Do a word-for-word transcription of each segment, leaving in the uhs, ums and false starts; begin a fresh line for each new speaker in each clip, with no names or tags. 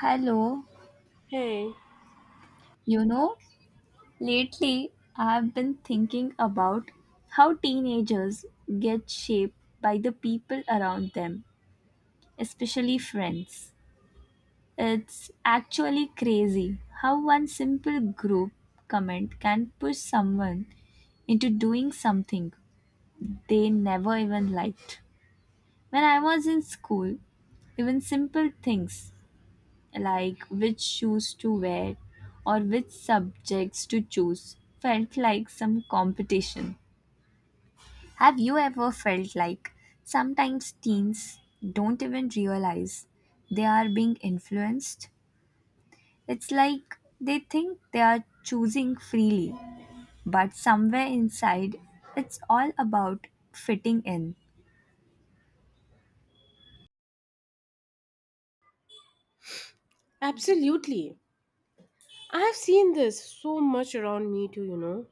Hello,
Hey,
you know, lately I've been thinking about how teenagers get shaped by the people around them, especially friends. It's actually crazy how one simple group comment can push someone into doing something they never even liked. When I was in school, even simple things like which shoes to wear or which subjects to choose felt like some competition. Have you ever felt like sometimes teens don't even realize they are being influenced? It's like they think they are choosing freely, but somewhere inside, it's all about fitting in.
absolutely. I have seen this so much around me too, you know.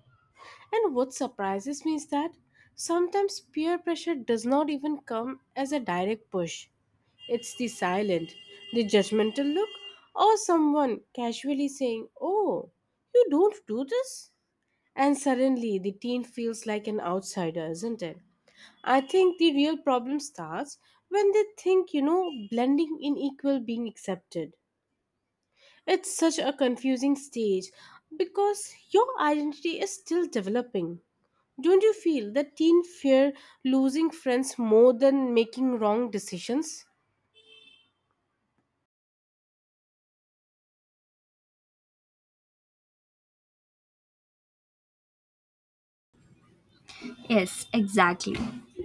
And what surprises me is that sometimes peer pressure does not even come as a direct push. It's the silent, the judgmental look, or someone casually saying, "Oh, you don't do this?" And suddenly the teen feels like an outsider, isn't it? I think the real problem starts when they think, you know, blending in equal being accepted. It's such a confusing stage because your identity is still developing. Don't you feel that teen fear losing friends more than making wrong decisions?
Yes, exactly.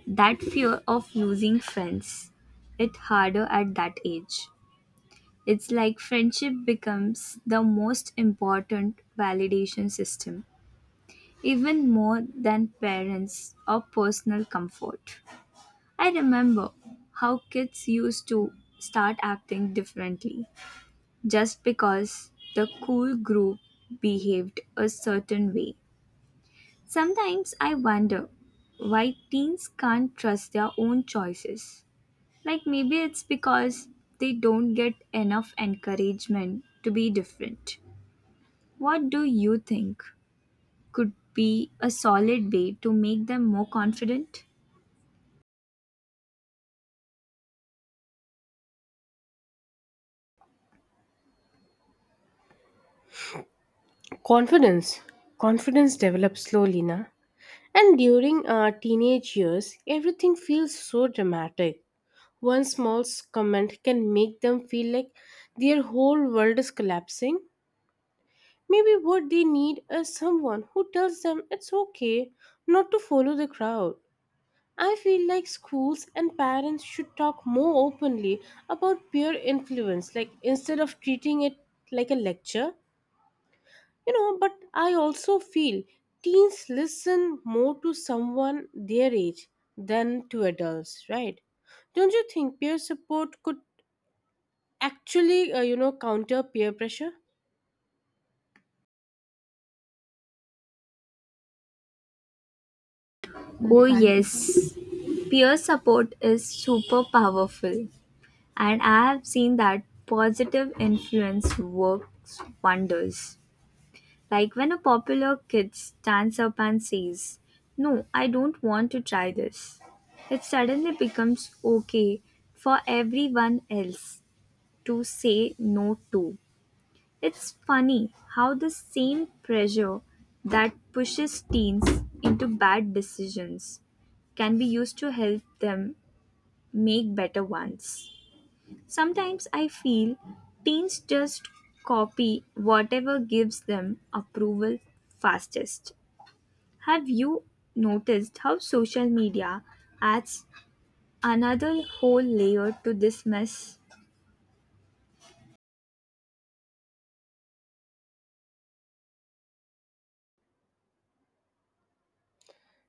That fear of losing friends, it harder at that age. It's like friendship becomes the most important validation system, even more than parents or personal comfort. I remember how kids used to start acting differently just because the cool group behaved a certain way. Sometimes I wonder why teens can't trust their own choices. Like maybe it's because they don't get enough encouragement to be different. What do you think could be a solid way to make them more confident?
Confidence. Confidence develops slowly, na? And during our teenage years, everything feels so dramatic. One small s- comment can make them feel like their whole world is collapsing. Maybe what they need is someone who tells them it's okay not to follow the crowd. I feel like schools and parents should talk more openly about peer influence, like instead of treating it like a lecture. You know, but I also feel teens listen more to someone their age than to adults, right? Don't you think peer support could actually, uh, you know, counter peer pressure?
Oh, yes. Peer support is super powerful, and I have seen that positive influence works wonders. Like when a popular kid stands up and says, no, I don't want to try this, it suddenly becomes okay for everyone else to say no to. It's funny how the same pressure that pushes teens into bad decisions can be used to help them make better ones. Sometimes I feel teens just copy whatever gives them approval fastest. Have you noticed how social media adds another whole layer to this mess?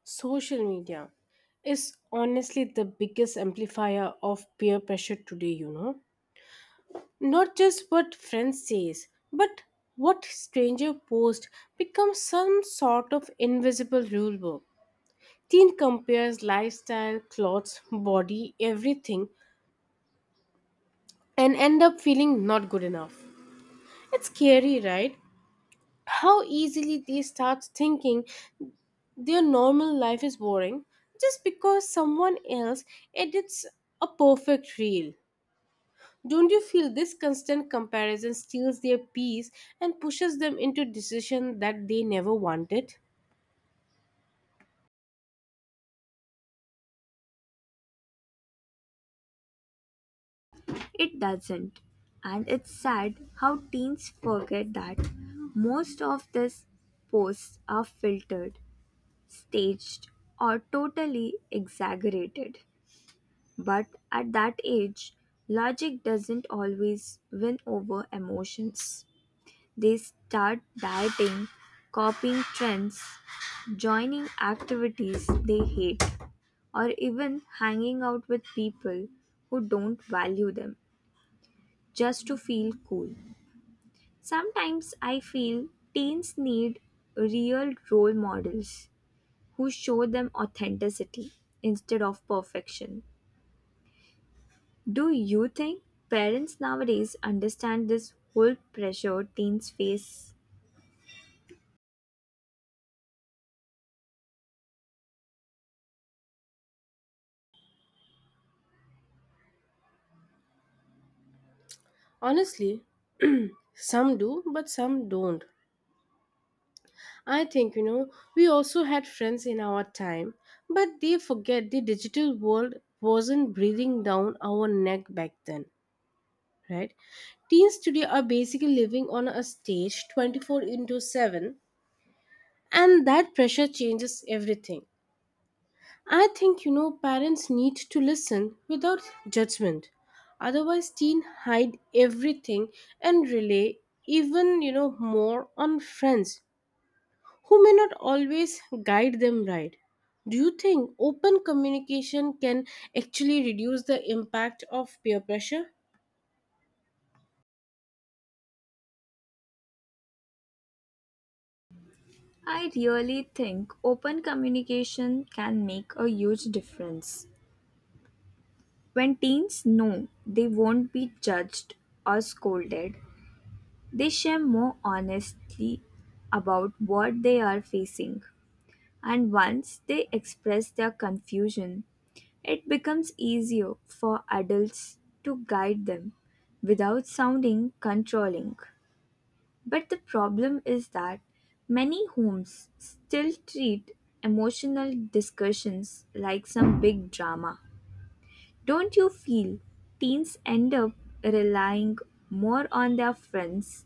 Social media is honestly the biggest amplifier of peer pressure today, you know. Not just what friends says, but what stranger post becomes some sort of invisible rule book. Teen compares lifestyle, clothes, body, everything, and end up feeling not good enough. It's scary, right? How easily they start thinking their normal life is boring just because someone else edits a perfect reel. Don't you feel this constant comparison steals their peace and pushes them into decisions that they never wanted?
It doesn't. And it's sad how teens forget that most of these posts are filtered, staged, or totally exaggerated. But at that age, logic doesn't always win over emotions. They start dieting, copying trends, joining activities they hate, or even hanging out with people who don't value them just to feel cool. Sometimes I feel teens need real role models who show them authenticity instead of perfection. Do you think parents nowadays understand this whole pressure teens face?
Honestly, some do, but some don't. I think, you know, we also had friends in our time, but they forget the digital world wasn't breathing down our neck back then, right? Teens today are basically living on a stage twenty-four into seven, and that pressure changes everything. I think, you know, parents need to listen without judgment. Otherwise teens hide everything and rely, even, you know, more on friends who may not always guide them right. Do you think open communication can actually reduce the impact of peer pressure?
I really think open communication can make a huge difference. When teens know they won't be judged or scolded, they share more honestly about what they are facing. And once they express their confusion, it becomes easier for adults to guide them without sounding controlling. But the problem is that many homes still treat emotional discussions like some big drama. Don't you feel teens end up relying more on their friends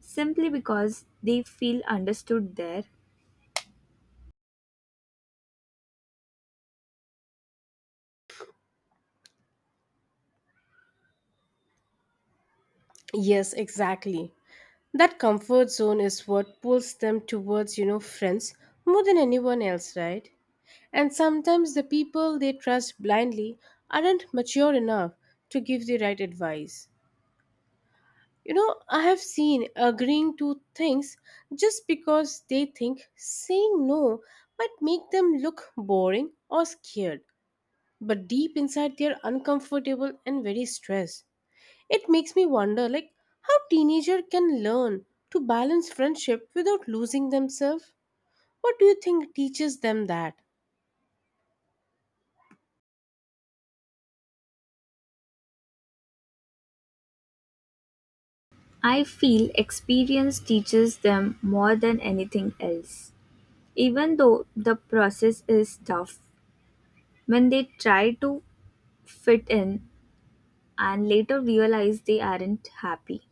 simply because they feel understood there?
Yes, exactly. That comfort zone is what pulls them towards, you know, friends more than anyone else, right? And sometimes the people they trust blindly aren't mature enough to give the right advice. You know, I have seen agreeing to things just because they think saying no might make them look boring or scared, but deep inside they're uncomfortable and very stressed. It makes me wonder like how teenager can learn to balance friendship without losing themselves. What do you think teaches them that?
I feel experience teaches them more than anything else. Even though the process is tough, when they try to fit in and later realize they aren't happy,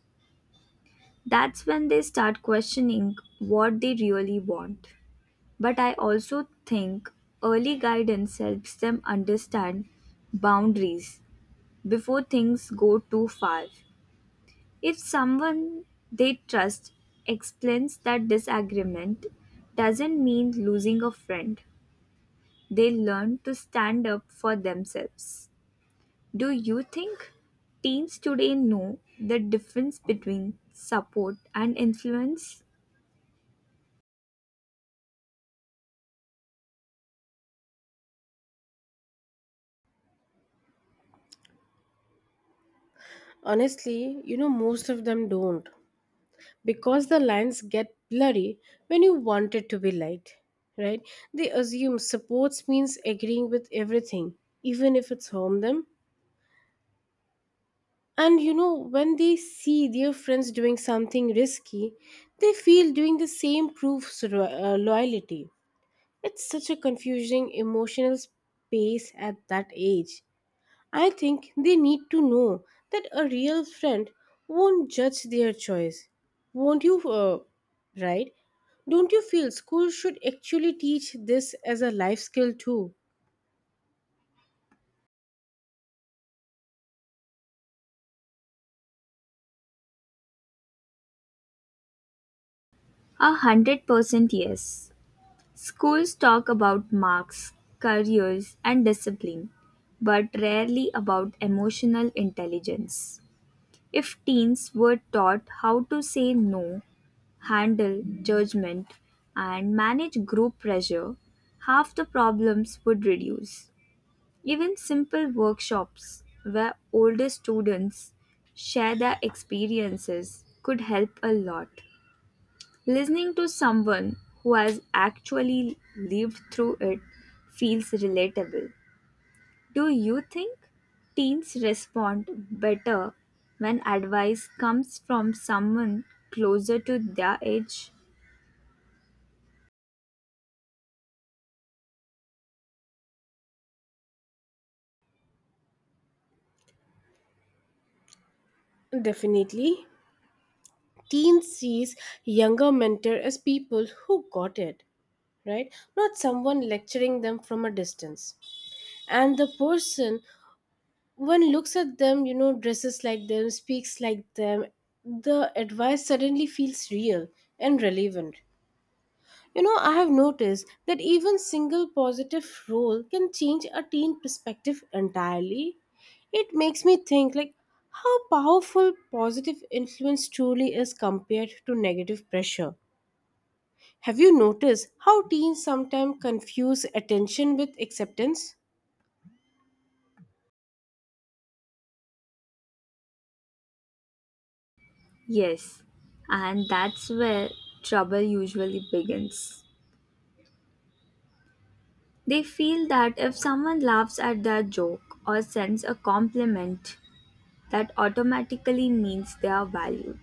that's when they start questioning what they really want. But I also think early guidance helps them understand boundaries before things go too far. If someone they trust explains that disagreement doesn't mean losing a friend, they learn to stand up for themselves. Do you think teens today know the difference between support and influence?
Honestly, you know, most of them don't, because the lines get blurry when you want it to be light, right? They assume supports means agreeing with everything, even if it's harm them. And you know, when they see their friends doing something risky, they feel doing the same proves ro- uh, loyalty. It's such a confusing emotional space at that age. I think they need to know that a real friend won't judge their choice. Won't you, uh, right? Don't you feel school should actually teach this as a life skill too?
A hundred percent, yes. Schools talk about marks, careers, and discipline, but rarely about emotional intelligence. If teens were taught how to say no, handle judgment, and manage group pressure, half the problems would reduce. Even simple workshops where older students share their experiences could help a lot. Listening to someone who has actually lived through it feels relatable. Do you think teens respond better when advice comes from someone closer to their age?
Definitely. Teens sees younger mentor as people who got it, right? Not someone lecturing them from a distance. And the person one looks at them, you know, dresses like them, speaks like them, the advice suddenly feels real and relevant. You know, I have noticed that even single positive role can change a teen perspective entirely. It makes me think like how powerful positive influence truly is compared to negative pressure. Have you noticed how teens sometimes confuse attention with acceptance?
Yes, and that's where trouble usually begins. They feel that if someone laughs at their joke or sends a compliment, that automatically means they are valued.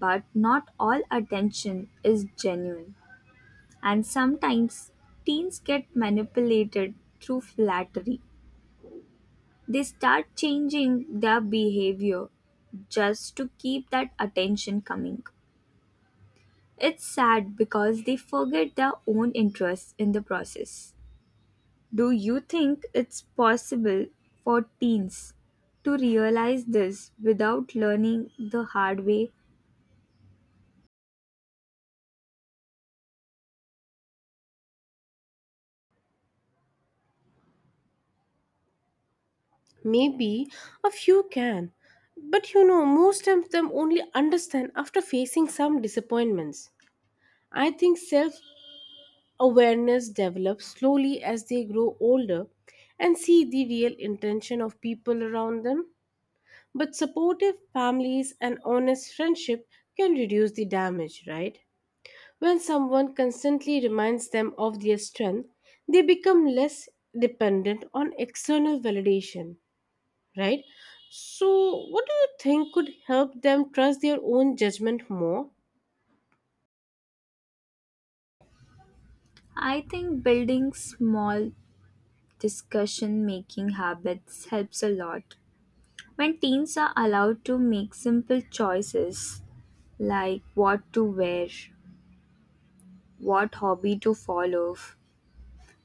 But not all attention is genuine, and sometimes teens get manipulated through flattery. They start changing their behavior just to keep that attention coming. It's sad because they forget their own interests in the process. Do you think it's possible for teens to realize this without learning the hard way?
Maybe a few can, but you know, most of them only understand after facing some disappointments. I think self awareness develops slowly as they grow older and see the real intention of people around them. But supportive families and honest friendship can reduce the damage, right? When someone constantly reminds them of their strength, they become less dependent on external validation, right? So, what do you think could help them trust their own judgment more?
I think building small discussion making habits helps a lot. When teens are allowed to make simple choices like what to wear, what hobby to follow,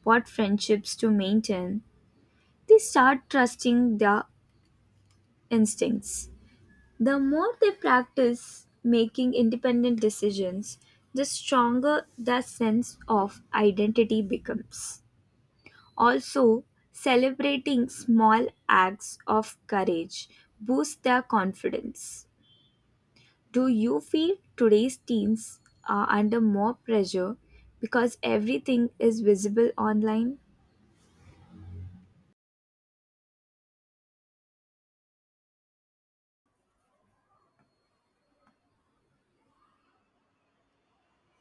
what friendships to maintain, they start trusting their instincts. The more they practice making independent decisions, the stronger their sense of identity becomes. Also, celebrating small acts of courage boosts their confidence. Do you feel today's teens are under more pressure because everything is visible online?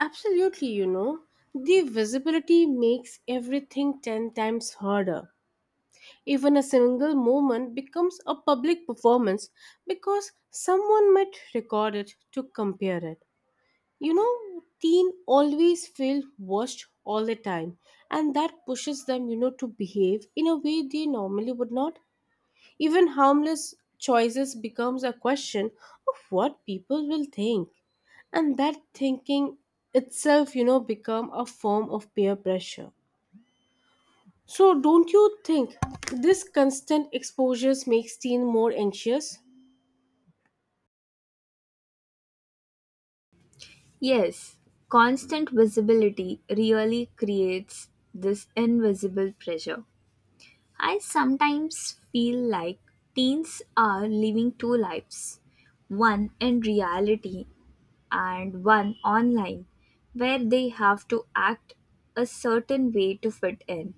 Absolutely, you know, the visibility makes everything ten times harder. Even a single moment becomes a public performance because someone might record it to compare it. You know, teen always feel watched all the time and that pushes them, you know, to behave in a way they normally would not. Even harmless choices becomes a question of what people will think. And that thinking itself, you know, become a form of peer pressure. So don't you think this constant exposures makes teen more anxious?
Yes, constant visibility really creates this invisible pressure. I sometimes feel like teens are living two lives, one in reality and one online, where they have to act a certain way to fit in.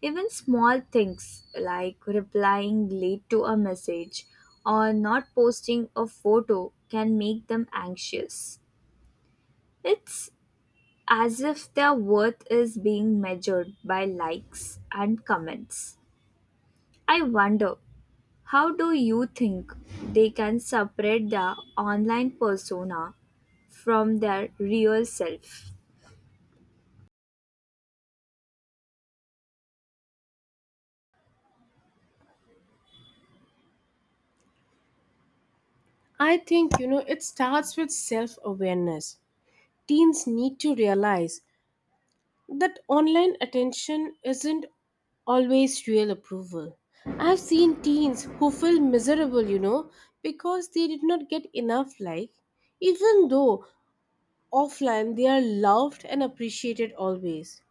Even small things like replying late to a message or not posting a photo can make them anxious. It's as if their worth is being measured by likes and comments. I wonder, how do you think they can separate their online persona from their real self?
I think, you know, it starts with self-awareness. Teens need to realize that online attention isn't always real approval. I've seen teens who feel miserable, you know, because they did not get enough like, even though offline they are loved and appreciated always.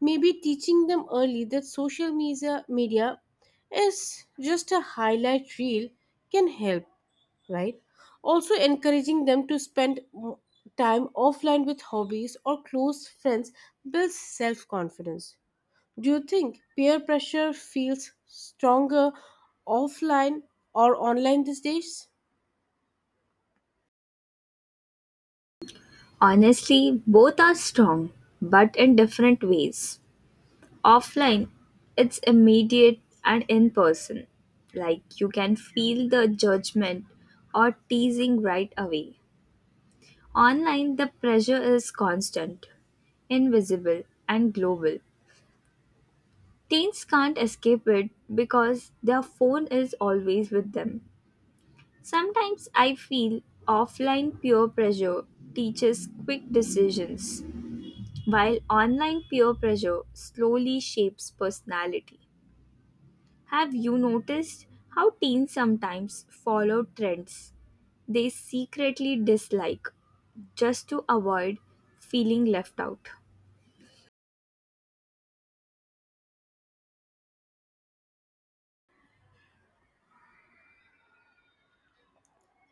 Maybe teaching them early that social media media is just a highlight reel can help, right? Also, encouraging them to spend mo- time offline with hobbies or close friends builds self confidence. Do you think peer pressure feels stronger offline or online these days?
Honestly, both are strong, but in different ways. Offline, it's immediate and in person. Like you can feel the judgment or teasing right away. Online, the pressure is constant, invisible, and global. Teens can't escape it because their phone is always with them. Sometimes I feel offline peer pressure teaches quick decisions, while online peer pressure slowly shapes personality. Have you noticed how teens sometimes follow trends they secretly dislike just to avoid feeling left out?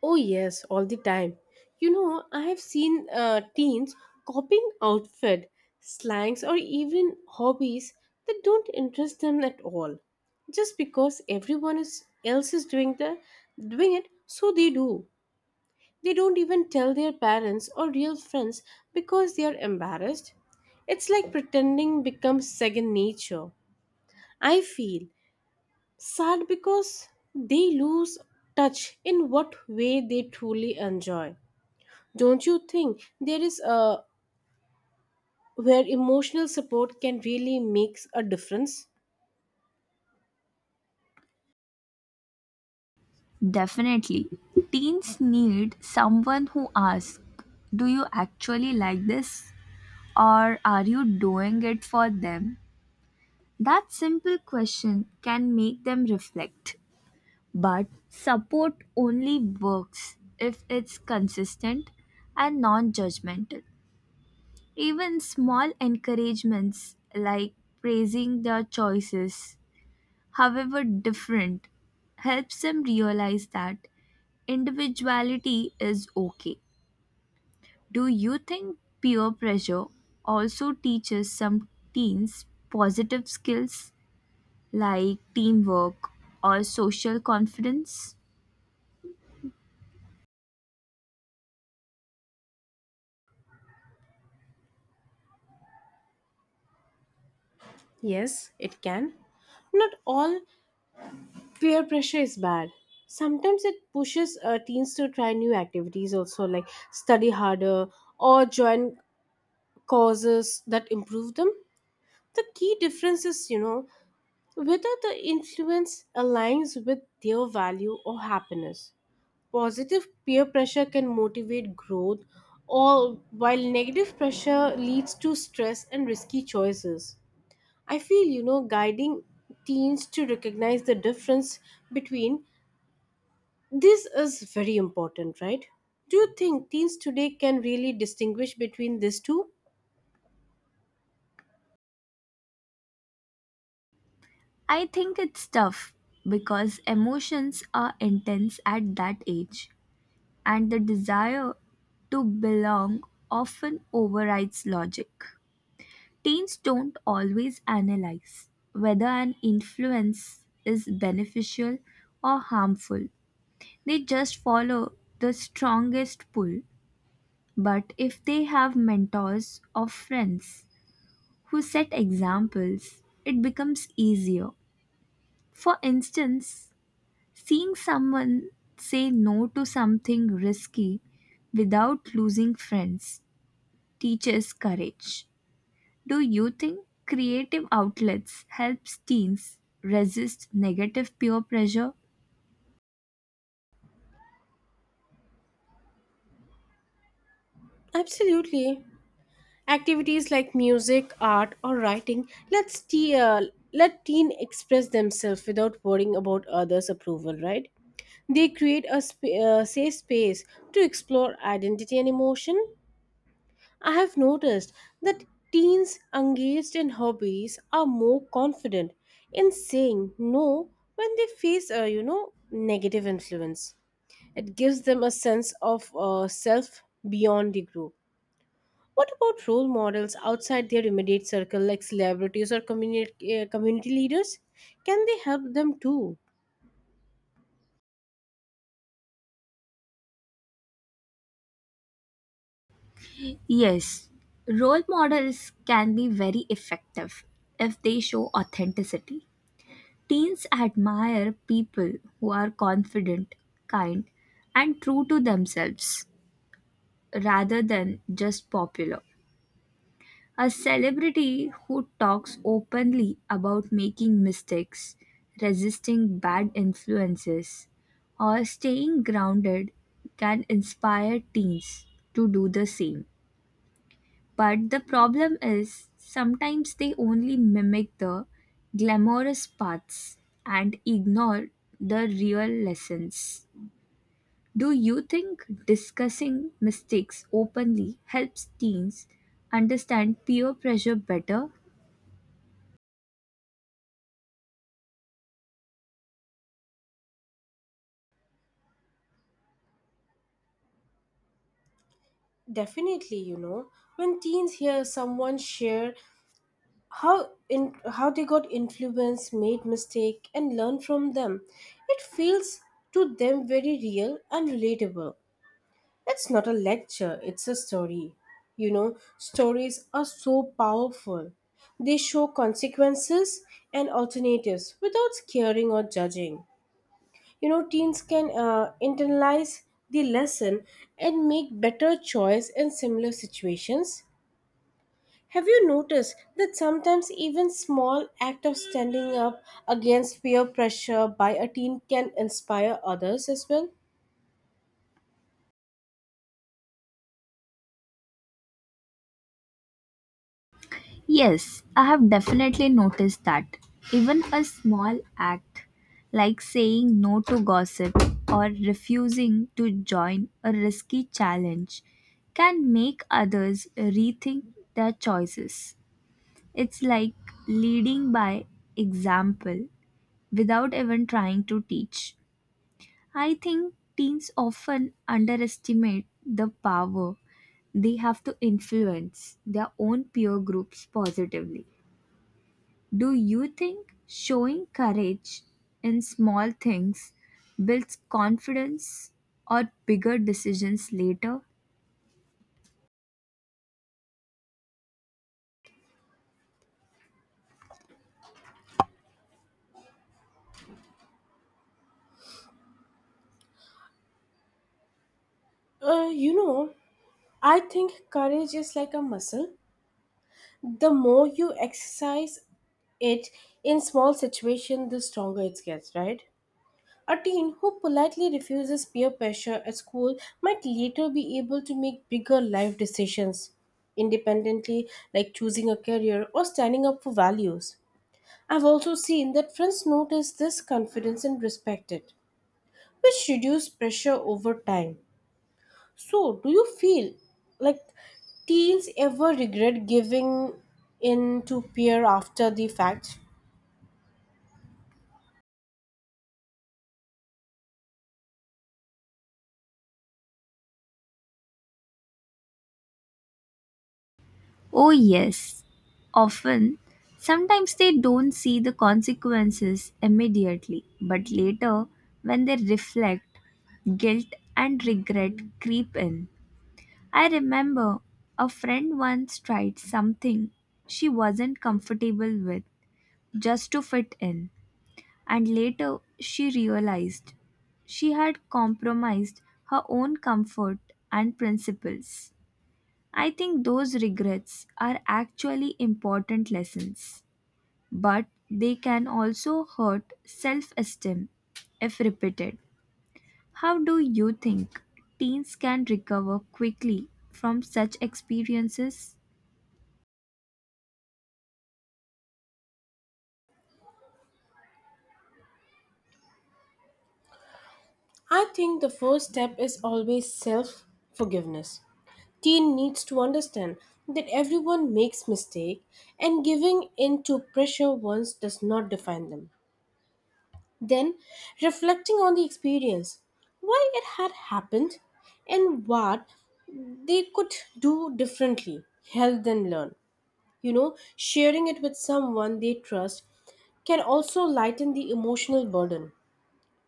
Oh, yes, all the time. You know, I have seen uh, teens copying outfit, slangs, or even hobbies that don't interest them at all. Just because everyone is, else is doing, the, doing it, so they do. They don't even tell their parents or real friends because they are embarrassed. It's like pretending becomes second nature. I feel sad because they lose touch in what way they truly enjoy. Don't you think there is a where emotional support can really make a difference?
Definitely. Teens need someone who asks, do you actually like this? Or are you doing it for them? That simple question can make them reflect. But support only works if it's consistent and non judgmental. Even small encouragements like praising their choices, however different, helps them realize that individuality is okay. Do you think peer pressure also teaches some teens positive skills, like teamwork or social confidence?
Yes, it can. Not all peer pressure is bad. Sometimes it pushes uh, teens to try new activities also, like study harder or join causes that improve them. The key difference is, you know, whether the influence aligns with their value or happiness. Positive peer pressure can motivate growth, or while negative pressure leads to stress and risky choices. I feel, you know, guiding teens to recognize the difference between. This is very important, right? Do you think teens today can really distinguish between these two?
I think it's tough because emotions are intense at that age and the desire to belong often overrides logic. Teens don't always analyze whether an influence is beneficial or harmful. They just follow the strongest pull. But if they have mentors or friends who set examples, it becomes easier. For instance, seeing someone say no to something risky without losing friends teaches courage. Do you think creative outlets helps teens resist negative peer pressure?
Absolutely. Activities like music, art, or writing let's te- uh, let teen express themselves without worrying about others' approval, right? They create a sp- uh, safe space to explore identity and emotion. I have noticed that teens engaged in hobbies are more confident in saying no when they face a, you know, negative influence. It gives them a sense of, uh, self beyond the group. What about role models outside their immediate circle, like celebrities or community uh, community leaders? Can they help them too?
Yes, role models can be very effective if they show authenticity. Teens admire people who are confident, kind, and true to themselves rather than just popular. A celebrity who talks openly about making mistakes, resisting bad influences, or staying grounded can inspire teens to do the same. But the problem is, sometimes they only mimic the glamorous parts and ignore the real lessons. Do you think discussing mistakes openly helps teens understand peer pressure better?
Definitely, you know, when teens hear someone share how in how they got influenced, made mistake and learned from them, it feels to them very real and relatable. It's not a lecture, it's a story. You know, stories are so powerful. They show consequences and alternatives without scaring or judging. You know, teens can uh, internalize the lesson and make better choice in similar situations. Have you noticed that sometimes even small act of standing up against peer pressure by a teen can inspire others as well?
Yes, I have definitely noticed that. Even a small act like saying no to gossip or refusing to join a risky challenge can make others rethink their choices. It's like leading by example without even trying to teach. I think teens often underestimate the power they have to influence their own peer groups positively. Do you think showing courage in small things builds confidence or bigger decisions later?
Uh, you know, I think courage is like a muscle. The more you exercise it in small situations, the stronger it gets, right? A teen who politely refuses peer pressure at school might later be able to make bigger life decisions independently, like choosing a career or standing up for values. I've also seen that friends notice this confidence and respect it, which reduce pressure over time. So, do you feel like teens ever regret giving in to peer after the fact?
Oh, yes. Often, sometimes they don't see the consequences immediately, but later, when they reflect, guilt and regret creep in. I remember a friend once tried something she wasn't comfortable with just to fit in, and later she realized she had compromised her own comfort and principles. I think those regrets are actually important lessons, but they can also hurt self esteem if repeated. How do you think teens can recover quickly from such experiences?
I think the first step is always self forgiveness. Teen needs to understand that everyone makes mistake and giving in to pressure once does not define them. Then, reflecting on the experience, why it had happened, and what they could do differently, help them learn. You know, sharing it with someone they trust can also lighten the emotional burden.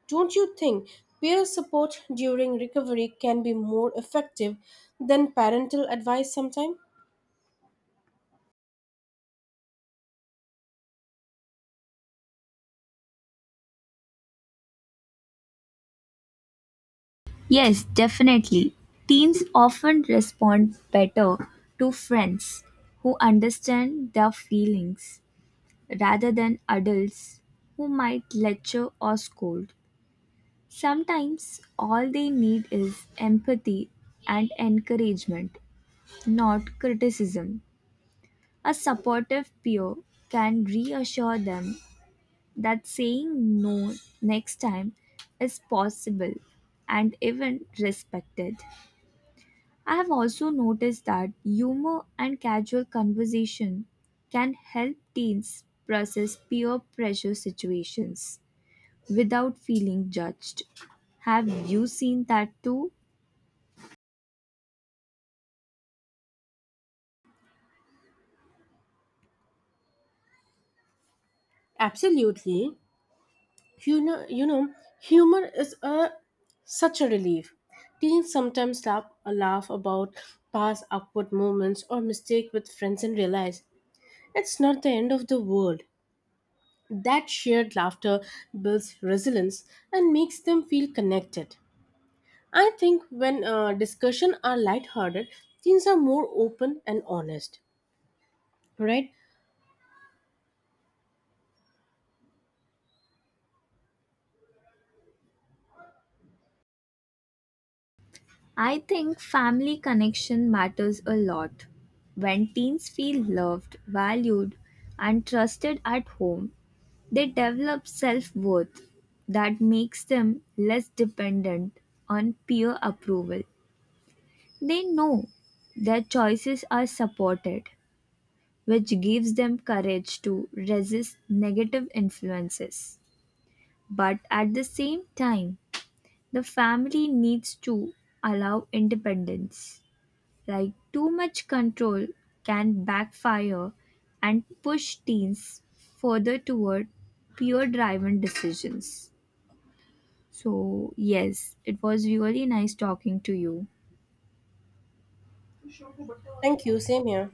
Don't you think peer support during recovery can be more effective than parental advice sometimes?
Yes, definitely. Teens often respond better to friends who understand their feelings rather than adults who might lecture or scold. Sometimes all they need is empathy and encouragement, not criticism. A supportive peer can reassure them that saying no next time is possible and even respected. I have also noticed that humor and casual conversation can help teens process peer pressure situations without feeling judged. Have you seen that too?
Absolutely. You know, you know, humor is a such a relief. Teens sometimes laugh, uh, laugh about past awkward moments or mistake with friends and realize it's not the end of the world. That shared laughter builds resilience and makes them feel connected. I think when uh, discussion are lighthearted, teens are more open and honest. Right?
I think family connection matters a lot. When teens feel loved, valued, and trusted at home, they develop self worth that makes them less dependent on peer approval. They know their choices are supported, which gives them courage to resist negative influences. But at the same time, the family needs to allow independence. Like too much control can backfire and push teens further toward peer driven decisions. So, yes, it was really nice talking to you.
Thank you. Same here.